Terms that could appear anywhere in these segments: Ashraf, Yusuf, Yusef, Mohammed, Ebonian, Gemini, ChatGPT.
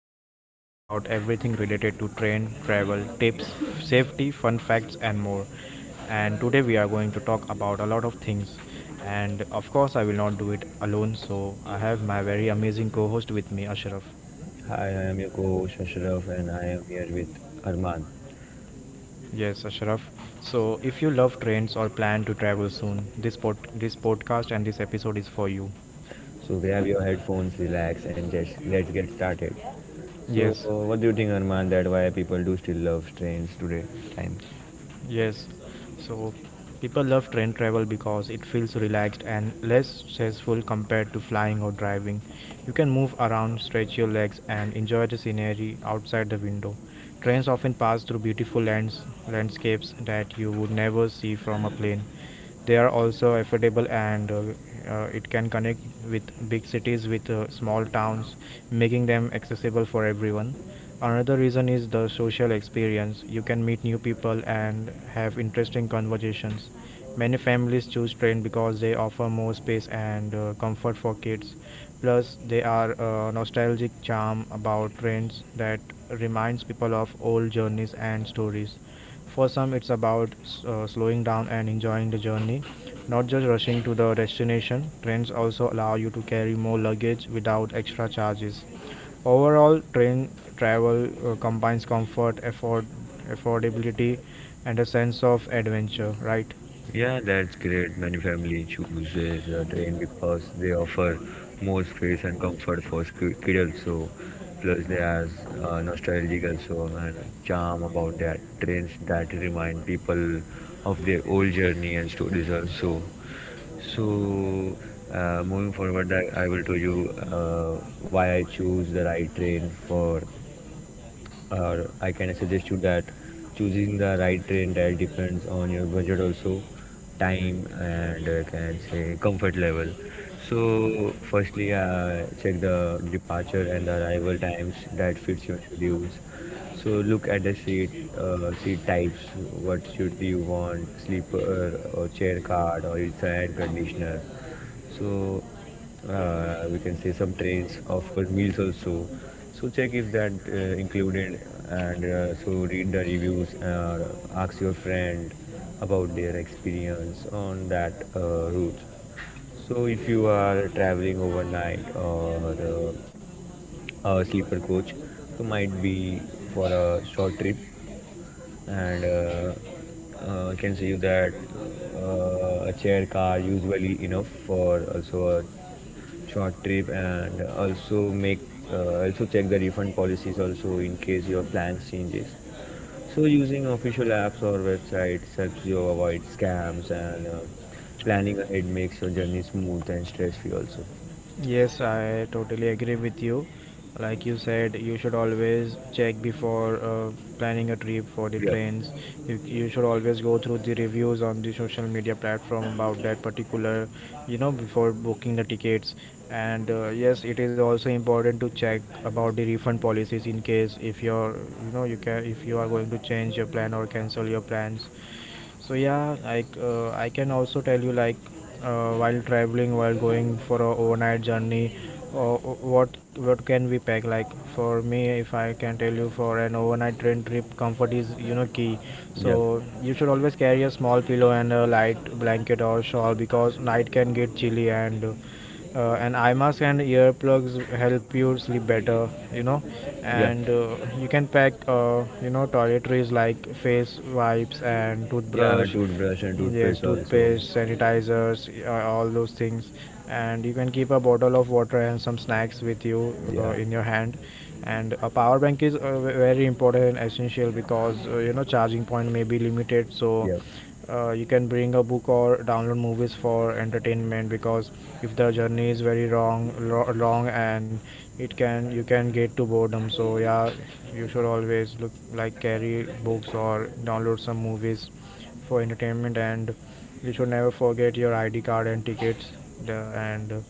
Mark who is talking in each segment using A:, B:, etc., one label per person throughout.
A: podcast where we talk about everything related to train, travel, tips, safety, fun facts, and more. And today we are going to talk about a lot of things. And of course, I will not do it alone, so I have my very amazing co host with me, Ashraf.
B: Hi, I am your co-host Ashraf and I am here with Arman.
A: Yes, Ashraf. So, if you love trains or plan to travel soon, this podcast and this episode is for you.
B: So grab your headphones, relax and just let's get started. So
A: Yes,
B: uh, what do you think Arman that why people do still love trains today time?
A: Yes, so people love train travel because it feels relaxed and less stressful compared to flying or driving. You can move around, stretch your legs, and enjoy the scenery outside the window. Trains often pass through beautiful lands, landscapes that you would never see from a plane. They are also affordable, and it can connect with big cities with small towns, making them accessible for everyone. Another reason is the social experience. You can meet new people and have interesting conversations. Many families choose train because they offer more space and comfort for kids. Plus, they are a nostalgic charm about trains that reminds people of old journeys and stories. For some, it's about slowing down and enjoying the journey, not just rushing to the destination. Trains also allow you to carry more luggage without extra charges. Overall, train travel combines comfort, effort, affordability, and a sense of adventure, right?
B: Yeah, that's great. Many family chooses a train because they offer more space and comfort for kid also. Plus they has nostalgic also and charm about that trains that remind people of their old journey and stories also. So, moving forward, I will tell you why I choose the right train for, or I can suggest you that choosing the right train that depends on your budget also, time and can say comfort level. So, firstly, check the departure and the arrival times that fits your schedules. So look at the seat types. What should you want? Sleeper or chair card or it's air conditioner so we can say some trains offer meals also so check if that included and so read the reviews ask your friend about their experience on that route so if you are traveling overnight or a sleeper coach so might be for a short trip and I can see you that a chair car usually enough for also a short trip and also make also check the refund policies also in case your plans changes so using official apps or websites helps you avoid scams and planning ahead makes your journey smooth and stress free also.
A: Yes, I totally agree with you. Like you said, you should always check before planning a trip for the
B: Yep.
A: trains. You should always go through the reviews on the social media platform about that particular, you know, before booking the tickets. And yes, it is also important to check about the refund policies in case if you're, you know, you can if you are going to change your plan or cancel your plans. So yeah, like I can also tell you, like while traveling, while going for a overnight journey, or what can we pack. Like for me, if I can tell you, for an overnight train trip, comfort is, you know, key.
B: Yeah.
A: So you should always carry a small pillow and a light blanket or shawl because night can get chilly, and eye mask and earplugs help you sleep better, you know.
B: Yeah,
A: And you can pack you know, toiletries like face wipes and
B: yeah,
A: toothbrush.
B: toothbrush and toothpaste
A: Yes,
B: also.
A: toothpaste, sanitizers, all those things. And you can keep a bottle of water and some snacks with you
B: Yeah.
A: in your hand. And a power bank is very important and essential because you know, charging point may be limited.
B: Yeah,
A: So you can bring a book or download movies for entertainment because if the journey is very long, and it can, you can get to boredom. So yeah, you should always look, like, carry books or download some movies for entertainment. And you should never forget your ID card and tickets. The, and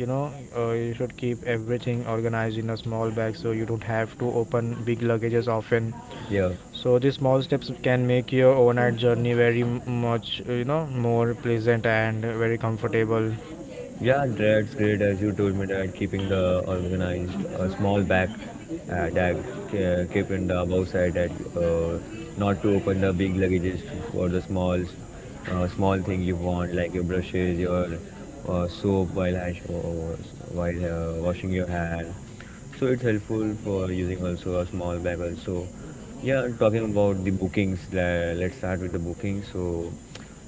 A: You know, you should keep everything organized in a small bag so you don't have to open big luggages often.
B: yeah.
A: So these small steps can make your overnight journey very much, you know, more pleasant and very comfortable.
B: Yeah, that's great. As you told me that keeping the organized small bag that keep in the above side that uh, not to open the big luggages for the small thing you want like your brushes, your soap while while washing your hand. So it's helpful for using also a small bag also. Yeah, talking about the bookings, let's start with the bookings. So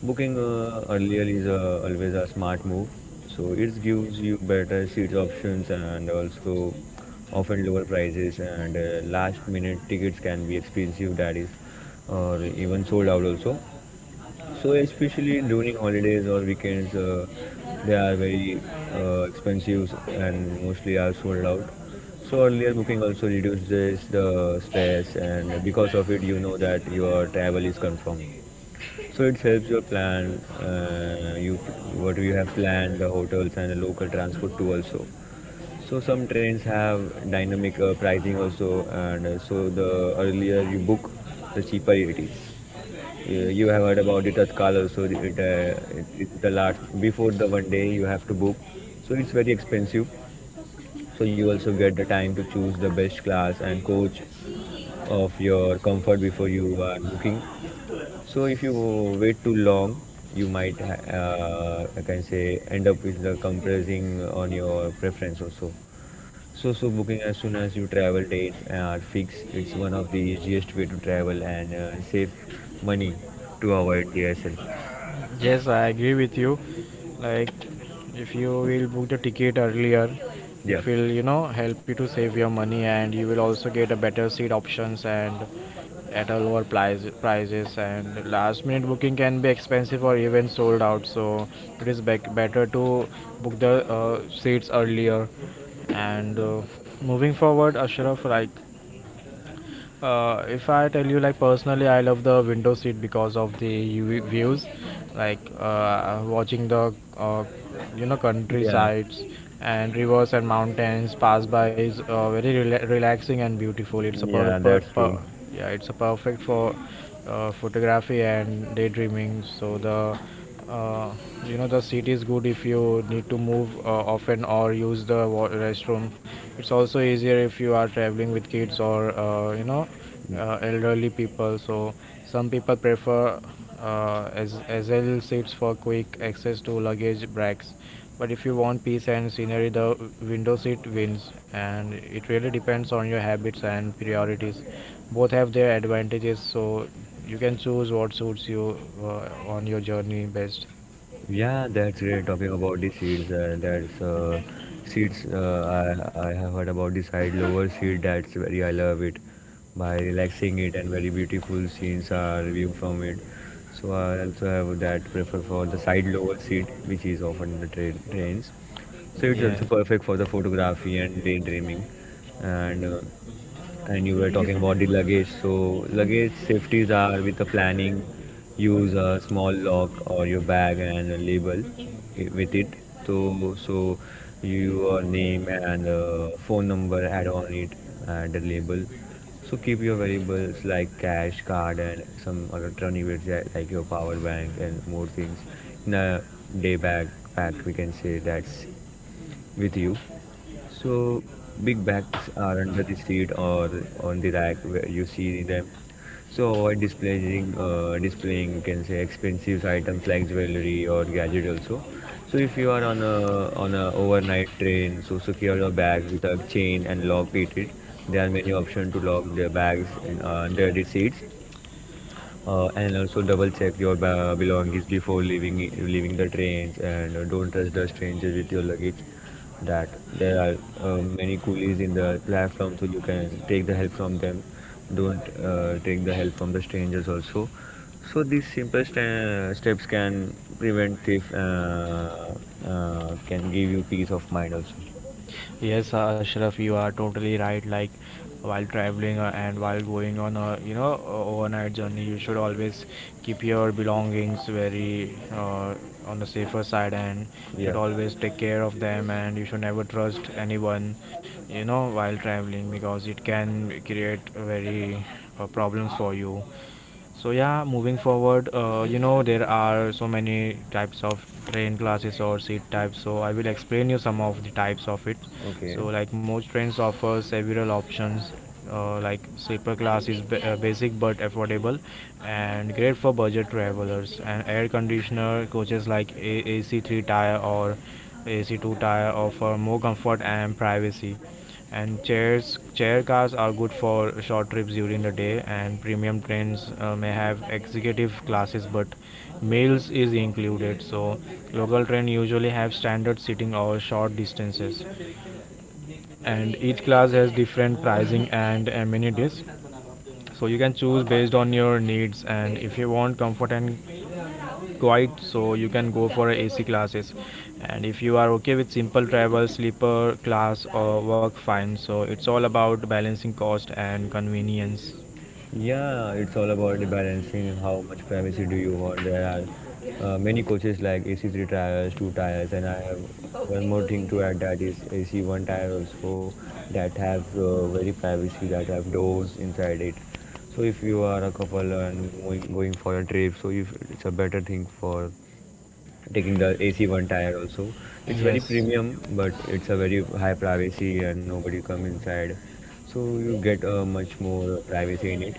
B: booking earlier is always a smart move. So it gives you better seats options and also often lower prices and last minute tickets can be expensive that is or even sold out also. So especially during holidays or weekends, they are very expensive and mostly are sold out. So earlier booking also reduces the stress and because of it you know that your travel is confirmed. So it helps your plan. You what do you have planned? The hotels and the local transport too also. So some trains have dynamic pricing also, and so the earlier you book, the cheaper it is. You have heard about it Tatkal also. It the last before the one day you have to book, so it's very expensive. So you also get the time to choose the best class and coach of your comfort before you are booking so if you wait too long, you might I can say end up with the compressing on your preference also. So booking as soon as you travel dates are fixed. It's one of the easiest way to travel and save money to avoid DSL.
A: Yes, I agree with you. Like, if you will book the ticket earlier,
B: Yeah,
A: it will, you know, help you to save your money, and you will also get a better seat options and at a lower prices. And last minute booking can be expensive or even sold out. So it is better to book the seats earlier. And moving forward, Ashraf, like, if I tell you, like personally, I love the window seat because of the UV views, like watching the you know,
B: yeah,
A: countrysides and rivers and mountains pass by is relaxing and beautiful. It's a
B: yeah. That's true.
A: yeah, it's a perfect for photography and daydreaming. So the uh, you know, the seat is good if you need to move often or use the restroom. It's also easier if you are traveling with kids or you know, elderly people. So some people prefer as SL seats for quick access to luggage bags. But if you want peace and scenery, the window seat wins, and it really depends on your habits and priorities. Both have their advantages, so you can choose what suits you on your journey best.
B: Yeah, that's great. Talking about the seeds, that's seeds. I have heard about the side lower seed. That's very I love it by relaxing it and very beautiful scenes are view from it. So I also have that prefer for the side lower seat, which is often the trains. So it's
A: Yeah.
B: also perfect for the photography and daydreaming, and. And you were talking about the luggage so luggage safeties are with the planning use a small lock or your bag and a label with it so your name and phone number add on it and the label so keep your valuables like cash card and some alternatives, yeah, like your power bank and more things in a day backpack we can say that's with you so big bags are under the seat or on the rack where you see them so avoid displaying, you can say expensive items like jewelry or gadget also. So if you are on a overnight train, so secure your bag with a chain and lock it. There are many options to lock the bags and under the seats. And also double check your belongings before leaving the trains and don't trust the strangers with your luggage that there are many coolies in the platform so you can take the help from them don't take the help from the strangers also so these simple steps can prevent thief, can give you peace of mind also.
A: Yes, Ashraf, you are totally right. Like, while traveling and while going on a, you know, overnight journey, you should always keep your belongings very on the safer side, and
B: Yeah.
A: should always take care of them. And you should never trust anyone, you know, while traveling because it can create very problems for you. So yeah, moving forward, you know, there are so many types of train classes or seat types. So I will explain you some of the types of it.
B: Okay.
A: So like most trains offer several options. Like sleeper class is basic but affordable, and great for budget travelers. And air conditioner coaches like AC3 tire or AC2 tire offer more comfort and privacy. And chair cars are good for short trips during the day, and premium trains may have executive classes, but meals is included. So local train usually have standard seating or short distances, and each class has different pricing and amenities. So you can choose based on your needs. And if you want comfort and Quite so you can go for AC classes. And if you are okay with simple travel, sleeper class or work fine. So it's all about balancing cost and convenience.
B: Yeah, it's all about the balancing how much privacy do you want. There are many coaches like AC3 tires, two tires, and I have one more thing to add that is AC1 tire also that have very privacy that have doors inside it. So if you are a couple and going for a trip, so if it's a better thing for taking the AC1 tire also. It's very
A: Yes.
B: premium, but it's a very high privacy and nobody come inside, so you get much more privacy in it.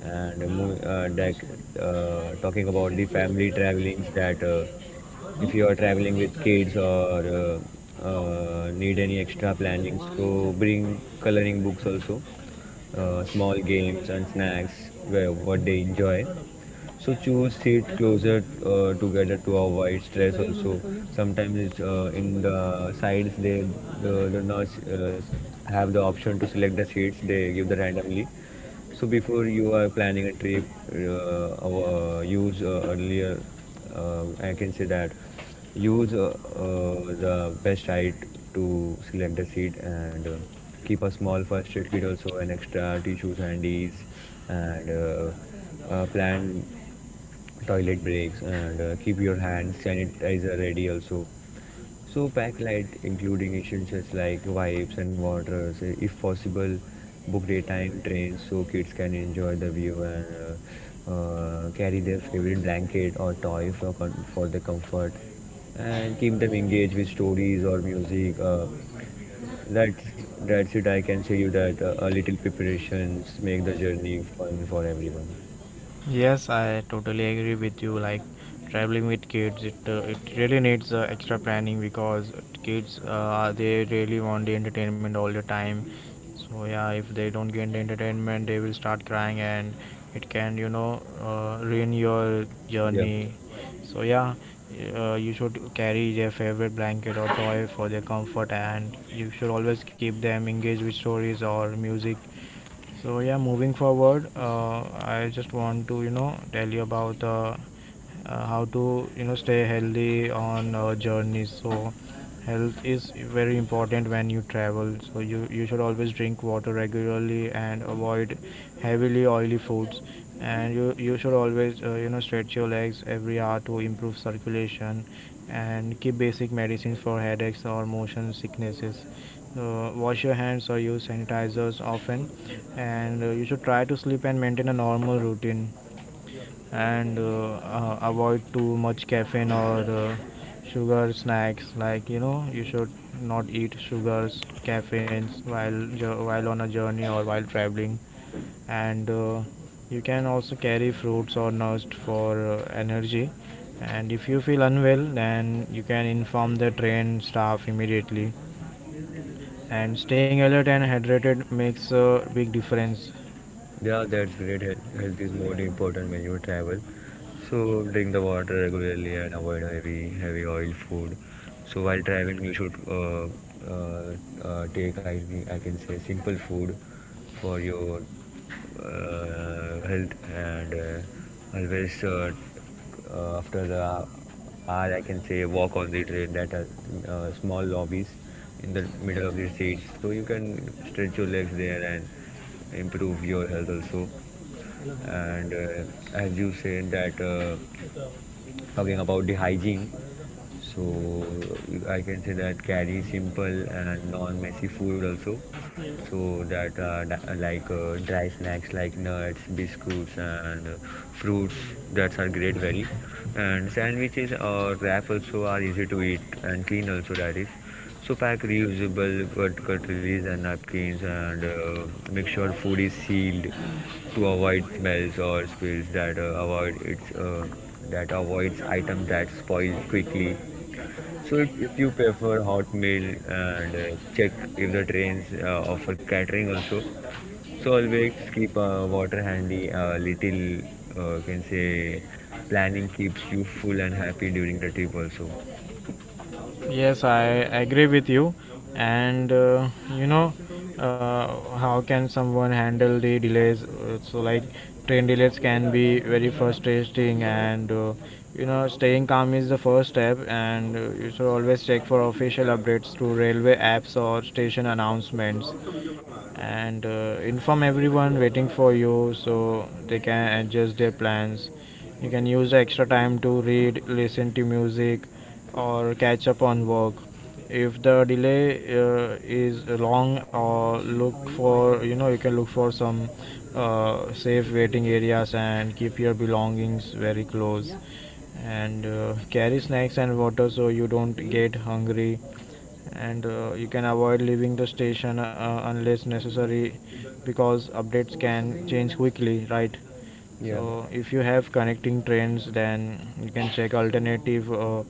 B: And like talking about the family travelings, that, if you are traveling with kids or need any extra planning, so bring coloring books also, small games and snacks where what they enjoy so choose seat closer together to avoid stress. Also, sometimes it's, in the sides they the nurse have the option to select the seats they give the randomly. So before you are planning a trip, use earlier. I can say that use the best height to select the seat and keep a small first aid kit also and extra tissues handies and plan toilet breaks and keep your hands sanitizer ready also so pack light, including essentials like wipes and waters. If possible, book daytime trains so kids can enjoy the view and carry their favorite blanket or toy for for the comfort. And keep them engaged with stories or music. That's it. I can say you that a little preparations make the journey fun for everyone.
A: Yes, I totally agree with you. Like, traveling with kids, it really needs extra planning because kids they really want the entertainment all the time. So yeah, if they don't get the entertainment, they will start crying, and it can, you know, ruin your
B: Yep.
A: journey. So yeah, you should carry their favorite blanket or toy for their comfort, and you should always keep them engaged with stories or music. So yeah, moving forward, I just want to, you know, tell you about how to, you know, stay healthy on journeys. So health is very important when you travel. So you should always drink water regularly and avoid heavily oily foods. And you should always you know, stretch your legs every hour to improve circulation, and keep basic medicines for headaches or motion sicknesses. Wash your hands or use sanitizers often, and you should try to sleep and maintain a normal routine. And avoid too much caffeine or sugar snacks. Like, you know, you should not eat sugars, caffeines while on a journey or while traveling. And you can also carry fruits or nuts for energy. And if you feel unwell, then you can inform the train staff immediately. And staying alert and hydrated makes a big difference.
B: Yeah, that's great. Health is more important when you travel. So drink the water regularly and avoid heavy oil food. So while traveling, you should uh, uh, uh, take, I, I can say, simple food for your health and always after hour I can say walk on the train that are small lobbies in the middle of the seats so you can stretch your legs there and improve your health also and as you said that, talking about the hygiene so I can say that carry simple and non-messy food also so like dry snacks like nuts biscuits and fruits that are great very and sandwiches or wrap also are easy to eat and clean also that is so pack reusable cutleries and napkins and make sure food is sealed to avoid smells or spills that avoids items that spoil quickly. So if you prefer hot meal and check if the trains offer catering also. So always keep water handy. A little can say planning keeps you full and happy during the trip also.
A: Yes, I agree with you. And you know, how can someone handle the delays? So, like, train delays can be very frustrating, and you know, staying calm is the first step. And you should always check for official updates to railway apps or station announcements, and inform everyone waiting for you so they can adjust their plans. You can use the extra time to read, listen to music, or catch up on work. If the delay is long, or look for, you know, you can look for some safe waiting areas, and keep your belongings very close. And carry snacks and water so you don't get hungry. And you can avoid leaving the station unless necessary because updates can change quickly, right? So
B: Yeah.
A: if you have connecting trains, then you can check alternative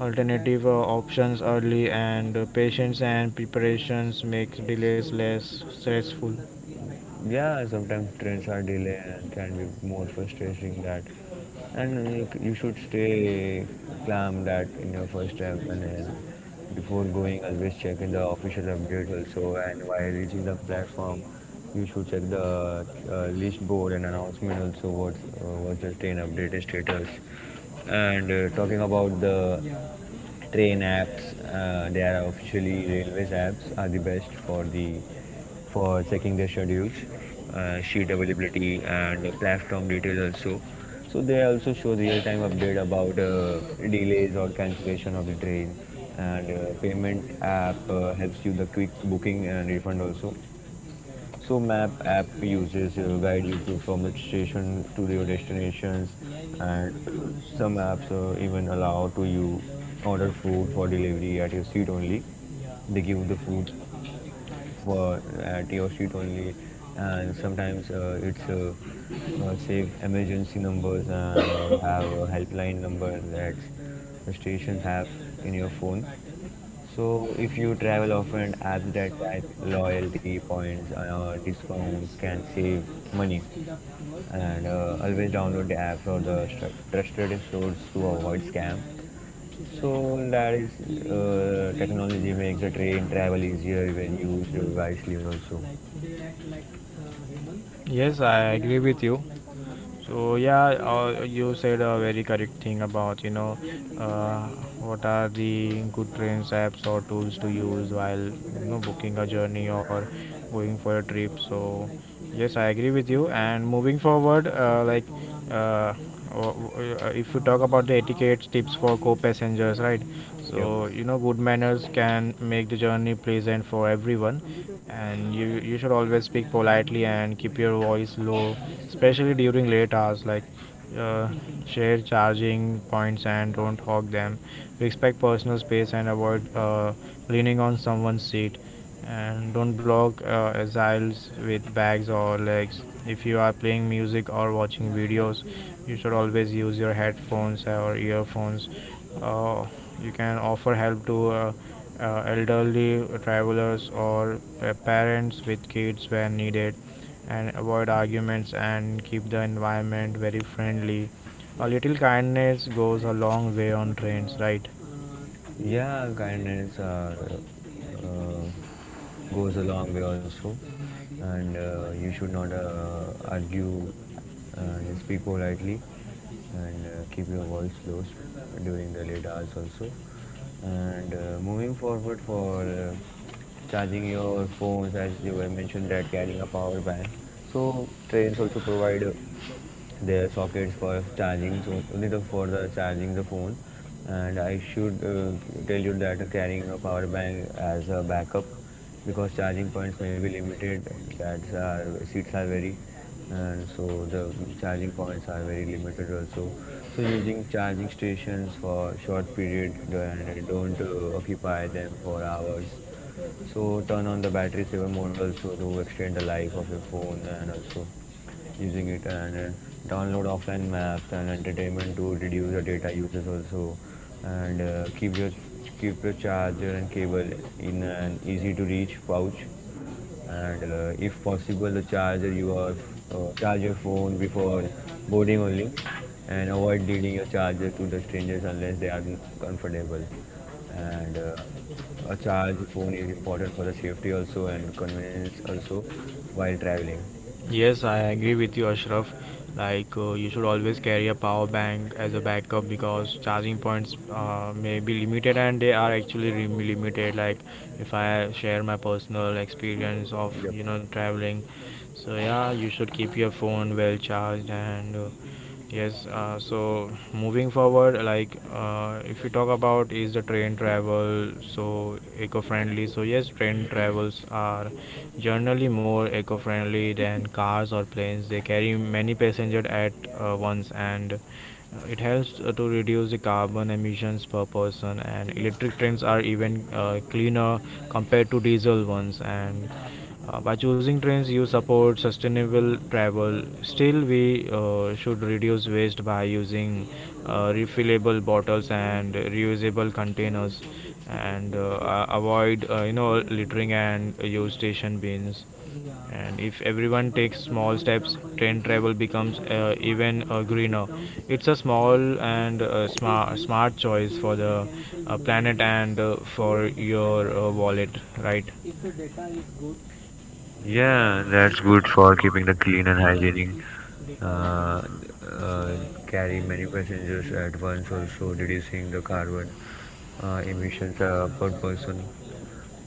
A: alternative options early. And patience and preparations makes delays less stressful.
B: Yeah, sometimes trains are delayed and can be more frustrating that and like you should stay calm that in your first step and then before going always check in the official updates also and while reaching the platform you should check the list board and announcement also what what's the train update status and talking about the train apps, they are officially railways apps, are the best for the for checking their schedules, sheet availability, and platform details also. So they also show real-time update about delays or cancellation of the train, and payment app helps you the quick booking and refund also. So map app uses guide you to from the station to your destinations, and some apps even allow to you order food for delivery at your seat only. They give the food for at your seat only, and sometimes it's save emergency numbers and have a helpline number that the stations have in your phone so, if you travel often, apps that track loyalty points, discounts can save money. And Always download the app for the trusted source to avoid scam. So that is Technology makes the train travel easier when used wisely also.
A: Yes, I agree with you. So yeah, you said a very correct thing about, you know, uh, what are the good trains apps or tools to use while, you know, booking a journey or going for a trip. So yes, I agree with you. And moving forward, like uh, if you talk about the etiquette tips for co-passengers, right?
B: Yep.
A: So you know good manners can make the journey pleasant for everyone, and you should always speak politely and keep your voice low, especially during late hours. Uh, Share charging points and don't hog them. Respect personal space and avoid leaning on someone's seat, and don't block aisles with bags or legs. If you are playing music or watching videos, you should always use your headphones or earphones. uh, you can offer help to elderly travelers or parents with kids when needed, and avoid arguments and keep the environment very friendly. A little kindness goes a long way on trains, right?
B: Yeah, kindness are, uh, goes a long way also, and you should not argue and speak politely, and keep your voice low during the late hours also. And Moving forward for charging your phones, as you were mentioned that carrying a power bank. So trains also provide there are sockets for charging so only the for the charging the phone and I should tell you that carrying a power bank as a backup because charging points may be limited that's our seats are very and so the charging points are very limited also so using charging stations for short period and don't occupy them for hours so turn on the battery saver mode also to extend the life of your phone and also using it and download offline maps and entertainment to reduce the data usage also and keep your charger and cable in an easy to reach pouch and if possible the charger your charge your phone before boarding only and avoid leading your charger to the strangers unless they are comfortable and a charge phone is important for the safety also and convenience also while traveling.
A: Yes, I agree with you, Ashraf. You should always carry a power bank as a backup because charging points may be limited, and they are actually limited. If I share my personal experience of
B: Yep.
A: traveling, so yeah, you should keep your phone well charged and yes. So moving forward, if you talk about, is the train travel so eco-friendly? So yes, train travels are generally more eco-friendly than cars or planes. They carry many passengers at once, and it helps to reduce the carbon emissions per person, and electric trains are even cleaner compared to diesel ones. And by choosing trains you support sustainable travel. Still we should reduce waste by using refillable bottles and reusable containers, and avoid littering and use station bins. And if everyone takes small steps, train travel becomes even greener. It's a small and smart choice for the planet and for your wallet, right?
B: Yeah, that's good for keeping the clean and hygienic. Uh, uh, Carry many passengers at once also reducing the carbon emissions per person.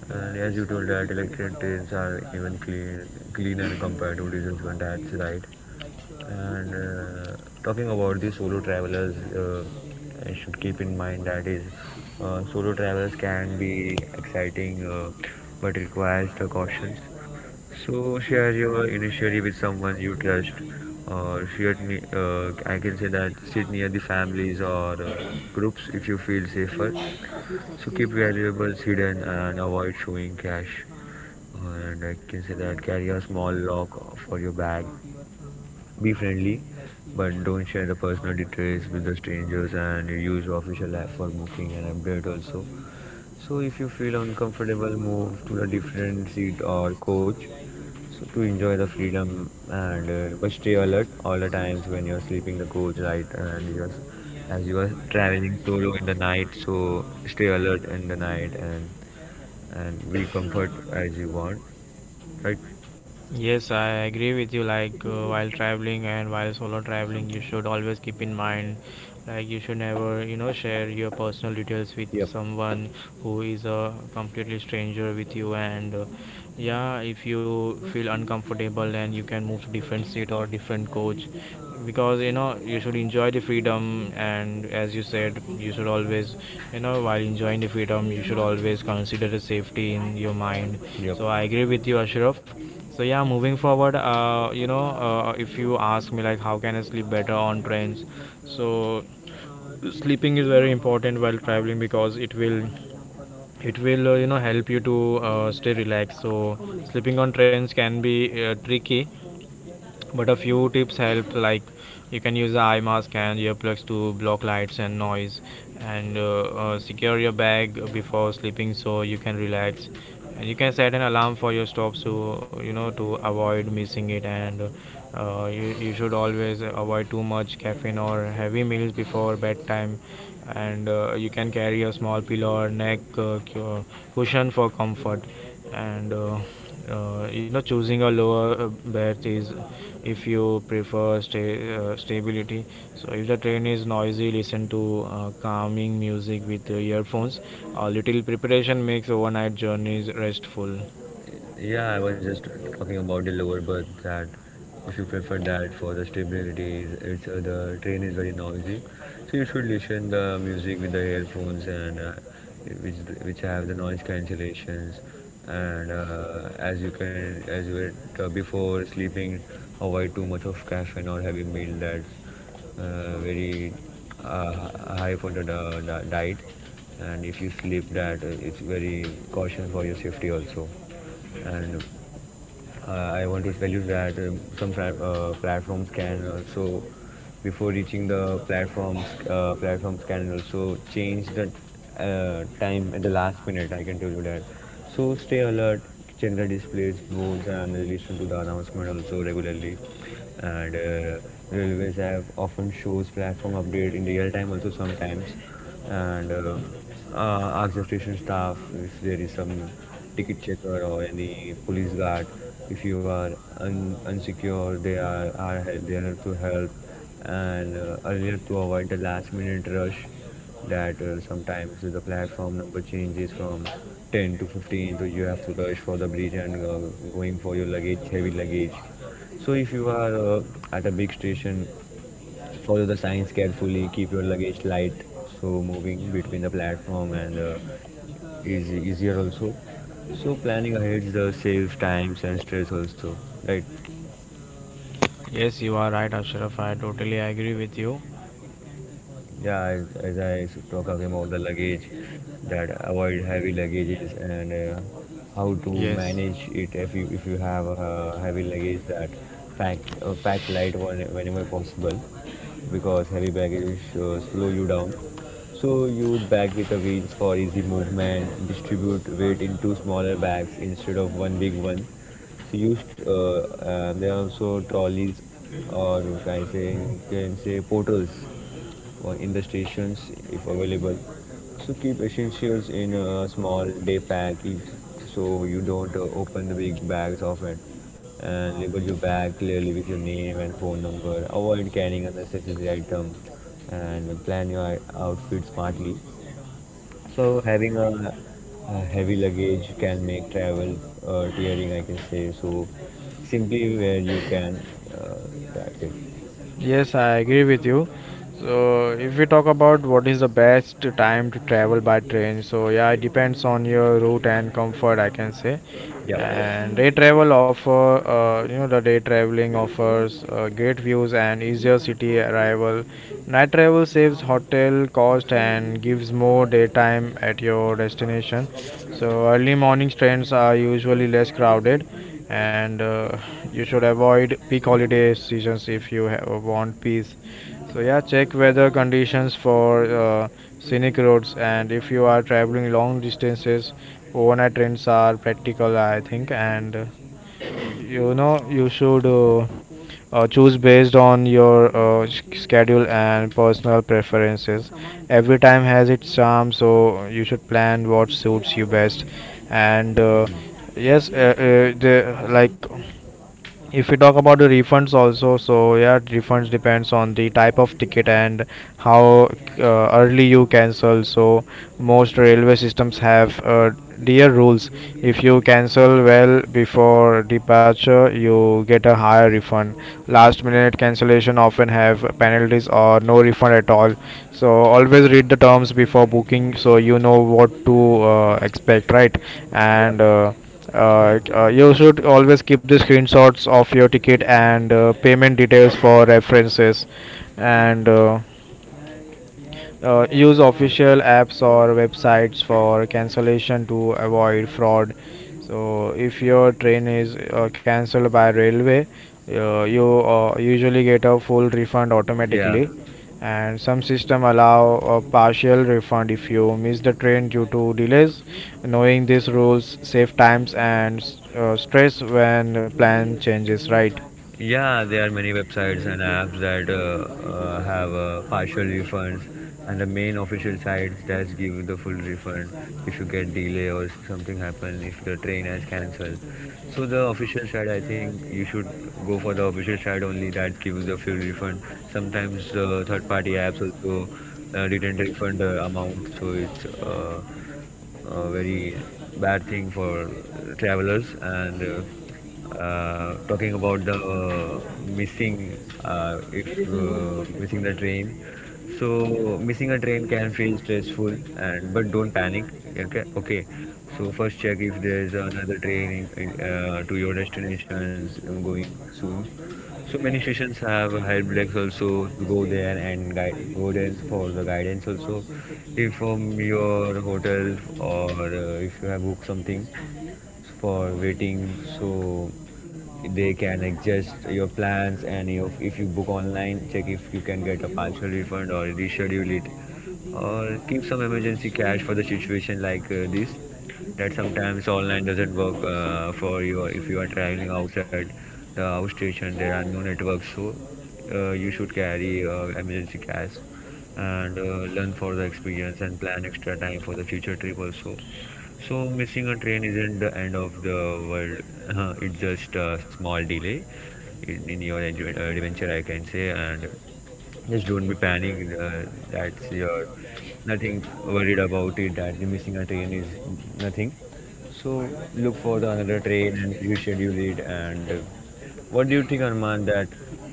B: And as you told that electric trains are even clean, cleaner compared to diesel one. That's right. And Talking about the solo travelers, I should keep in mind that is solo travelers can be exciting, but requires the cautions. So share your initially with someone you trust, or share. I can say that sit near the families or groups if you feel safer. So keep valuables hidden and avoid showing cash. And I can say that carry a small lock for your bag be friendly, but don't share the personal details with the strangers and use official app for booking and update also. So if you feel uncomfortable, move to a different seat or coach so to enjoy the freedom and but stay alert all the times when you're sleeping the coach right and as you are traveling solo in the night so stay alert in the night and be comfort as you want right
A: Yes, I agree with you. While traveling and while solo traveling, you should always keep in mind, like you should never, share your personal details with
B: yep
A: someone who is a completely stranger with you. And yeah, if you feel uncomfortable, then you can move to different seat or different coach, because you know you should enjoy the freedom. And as you said, you should always, while enjoying the freedom, you should always consider the safety in your mind.
B: yep.
A: So I agree with you, Ashraf. So yeah, moving forward, you know, if you ask me like how can I sleep better on trains, so sleeping is very important while traveling because it will you know help you to stay relaxed. So sleeping on trains can be tricky, but a few tips help, like you can use eye mask and earplugs to block lights and noise, and secure your bag before sleeping so you can relax. And you can set an alarm for your stop so you know to avoid missing it. And you should always avoid too much caffeine or heavy meals before bedtime. And you can carry a small pillow or neck cushion for comfort. And you know, choosing a lower berth is if you prefer stability. So if the train is noisy, listen to calming music with earphones. A little preparation makes overnight journeys restful.
B: Yeah, I was just talking about the lower berth that if you prefer that for the stability, it's the train is very noisy, so you should listen the music with the earphones and which have the noise cancellations, and as you can as you were, before sleeping, avoid too much of caffeine or heavy meal. That's very high for the diet and if you sleep that it's very caution for your safety also and I want to tell you that some platforms can also, before reaching the platforms, platforms can also change the time at the last minute. I can tell you that. So stay alert, check the displays, boards, and listen to the announcement also regularly. And Railways have often shows platform update in real time also sometimes, and ask the station staff if there is some ticket checker or any police guard if you are unsecure they are, there to help and earlier to avoid the last minute rush that sometimes the platform number changes from 10 to 15 so you have to rush for the bridge and going for your luggage heavy luggage so if you are at a big station follow the signs carefully keep your luggage light so moving between the platform and is easier also. So planning ahead the saves times and stress also, right?
A: Yes, you are right, Ashraf, I totally agree with you.
B: Yeah, as I talk about the luggage, that avoid heavy luggages and how to
A: Yes.
B: manage it if you have a heavy luggage that pack pack light one whenever possible because heavy baggage slow you down. So use bag with a wheels for easy movement. Distribute weight into smaller bags instead of one big one. So used there are also trolleys or you can say portals for in the stations if available. So keep essentials in a small day pack if so you don't open the big bags often and label your bag clearly with your name and phone number. Avoid carrying unnecessary item and plan your outfit smartly so having a heavy luggage can make travel tiring, I can say. So simply where you can, uh, that's it.
A: Yes, I agree with you. So if we talk about what is the best time to travel by train, so yeah, it depends on your route and comfort, I can say.
B: Yep.
A: And day travel offer you know the day traveling offers great views and easier city arrival. Night travel saves hotel cost and gives more daytime at your destination. So early morning trains are usually less crowded, and you should avoid peak holiday seasons if you want peace. So yeah, check weather conditions for scenic roads, and if you are traveling long distances, overnight trains are practical, I think. And you know, you should choose based on your schedule and personal preferences. Every time has its charm, so you should plan what suits you best. And
B: Mm.
A: yes, the like if we talk about the refunds also, so yeah, refunds depends on the type of ticket and how early you cancel. So most railway systems have dear rules. If you cancel well before departure, you get a higher refund. Last minute cancellation often have penalties or no refund at all. So always read the terms before booking so you know what to expect, right?
B: Yep.
A: And
B: Mm.
A: you should always keep the screenshots of your ticket and payment details for references. And use
B: Yeah.
A: official apps or websites for cancellation to avoid fraud. So if your train is cancelled by railway, you usually get a full refund
B: Yeah.
A: automatically. And some system allow a partial refund if you miss the train due to delays. Knowing these rules save times and stress when plan changes, right?
B: Yeah, there are many websites and apps that have partial refunds, and the main official sites does give the full refund if you get delay or something happen, if the train has cancelled. So the official site, I think you should go for the official site only that gives the full refund. Sometimes third-party apps also didn't refund the amount, so it's very bad thing for travelers and talking about the missing if missing the train so missing a train can feel stressful and but don't panic okay okay so first check if there is another train in to your destinations going soon so many stations have helplines also to go there and guide go there for the guidance also. If from your hotel or if you have booked something, for waiting so they can adjust your plans and your, if you book online check if you can get a partial refund or reschedule it or keep some emergency cash for the situation like this that sometimes online doesn't work for you if you are traveling outside the house station there are no networks so you should carry emergency cash and learn for the experience and plan extra time for the future trip also so missing a train isn't the end of the world. It's just a small delay in your adventure, I can say. And just don't be panicked. That's your nothing worried about it. That the missing a train is nothing. So look for the another train and reschedule it. And What do you think, Arman, that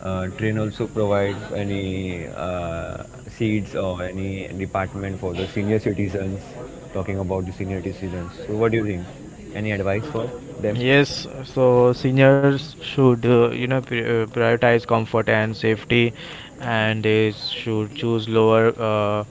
B: train also provides any seats or any department for the senior citizens? Talking about the senior citizens. So what do you think? Any advice for them?
A: Yes, so seniors should you know prioritize comfort and safety, and they should choose lower. Uh,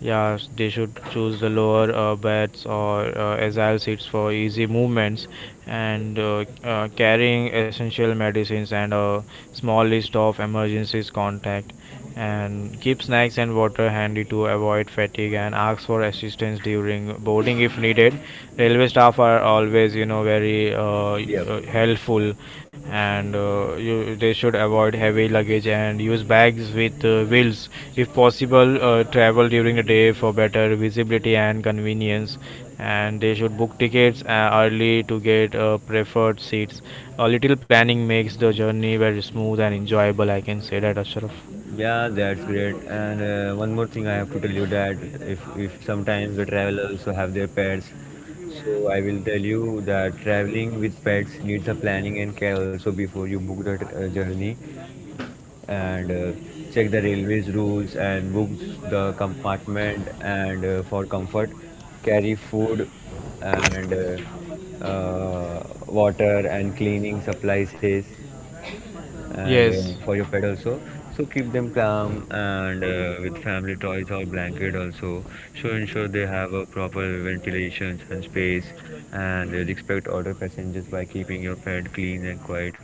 A: yeah, they should choose the lower beds or agile seats for easy movements. And carrying essential medicines and a small list of emergencies contact, and keep snacks and water handy to avoid fatigue, and ask for assistance during boarding if needed. Railway staff are always, you know, very
B: Yeah.
A: helpful. And they should avoid heavy luggage and use bags with wheels. If possible, travel during the day for better visibility and convenience, and they should book tickets early to get preferred seats. A little planning makes the journey very smooth and enjoyable, I can say that, Ashraf.
B: Yeah, that's great. And one more thing I have to tell you that if sometimes the travelers also have their pets, so I will tell you that traveling with pets needs a planning and care also before you book the journey and check the railways rules and book the compartment and for comfort, carry food and water and cleaning supplies and
A: Yes,
B: for your pet also so keep them calm and with family toys or blanket also so ensure they have a proper ventilation and space and respect other passengers by keeping your pet clean and quiet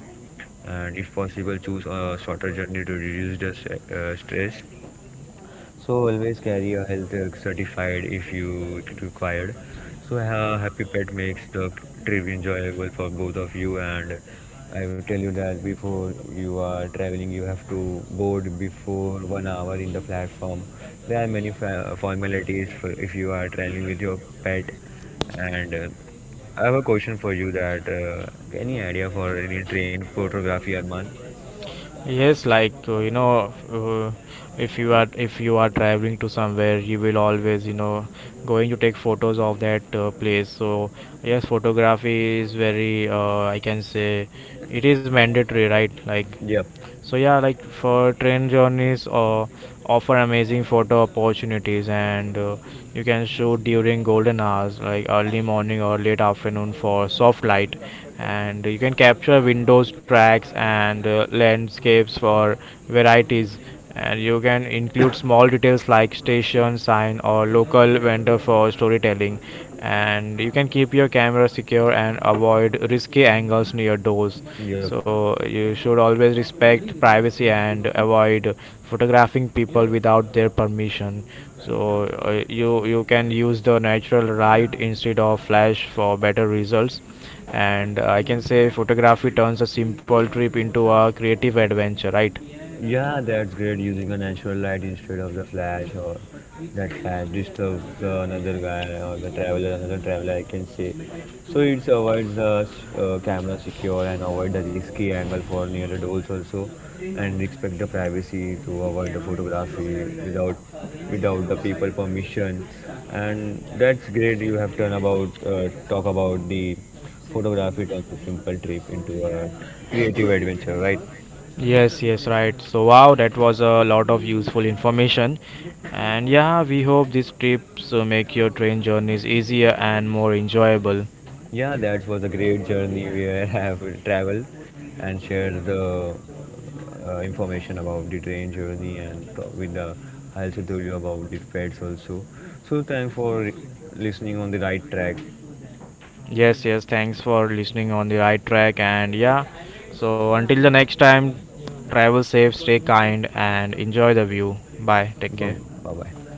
B: and if possible choose a shorter journey to reduce the stress so always carry a health certified if you it required. So a happy pet makes the trip enjoyable for both of you. And I will tell you that before you are traveling, you have to board before 1 hour in the platform. There are many formalities for if you are traveling with your pet. And I have a question for you that any idea for any train photography, Arman?
A: yes, you know, if you are, if you are traveling to somewhere, you will always, you know, going to take photos of that place. So yes, photography is very I can say it is mandatory, right? Like,
B: Yep,
A: so yeah, like for train journeys offer amazing photo opportunities. And you can shoot during golden hours, like early morning or late afternoon for soft light, and you can capture windows, tracks, and landscapes for varieties. And you can include small details like station sign or local vendor for storytelling. And you can keep your camera secure and avoid risky angles near doors.
B: yep.
A: So you should always respect privacy and avoid photographing people without their permission. So you can use the natural light instead of flash for better results. And I can say photography turns a simple trip into a creative adventure, right?
B: Yeah, that's great using a natural light instead of the flash or that flash disturbs another guy or the traveler, another traveler I can say. So it avoids the camera secure and avoid the risky angle for near the doors also and respect the privacy to avoid the photography without without the people permission and that's great you have done about talk about the photography turns a simple trip into a creative adventure right.
A: Yes, yes, right. So wow, that was a lot of useful information. And yeah, we hope these trips make your train journeys easier and more enjoyable.
B: Yeah, that was a great journey where I have traveled and shared the information about the train journey and talk with the health told about the pets also. So thanks for listening on the right track.
A: Yes, yes, thanks for listening on the right track. And yeah, so until the next time, travel safe, stay kind, and enjoy the view. Bye, take
B: Bye
A: care.
B: bye.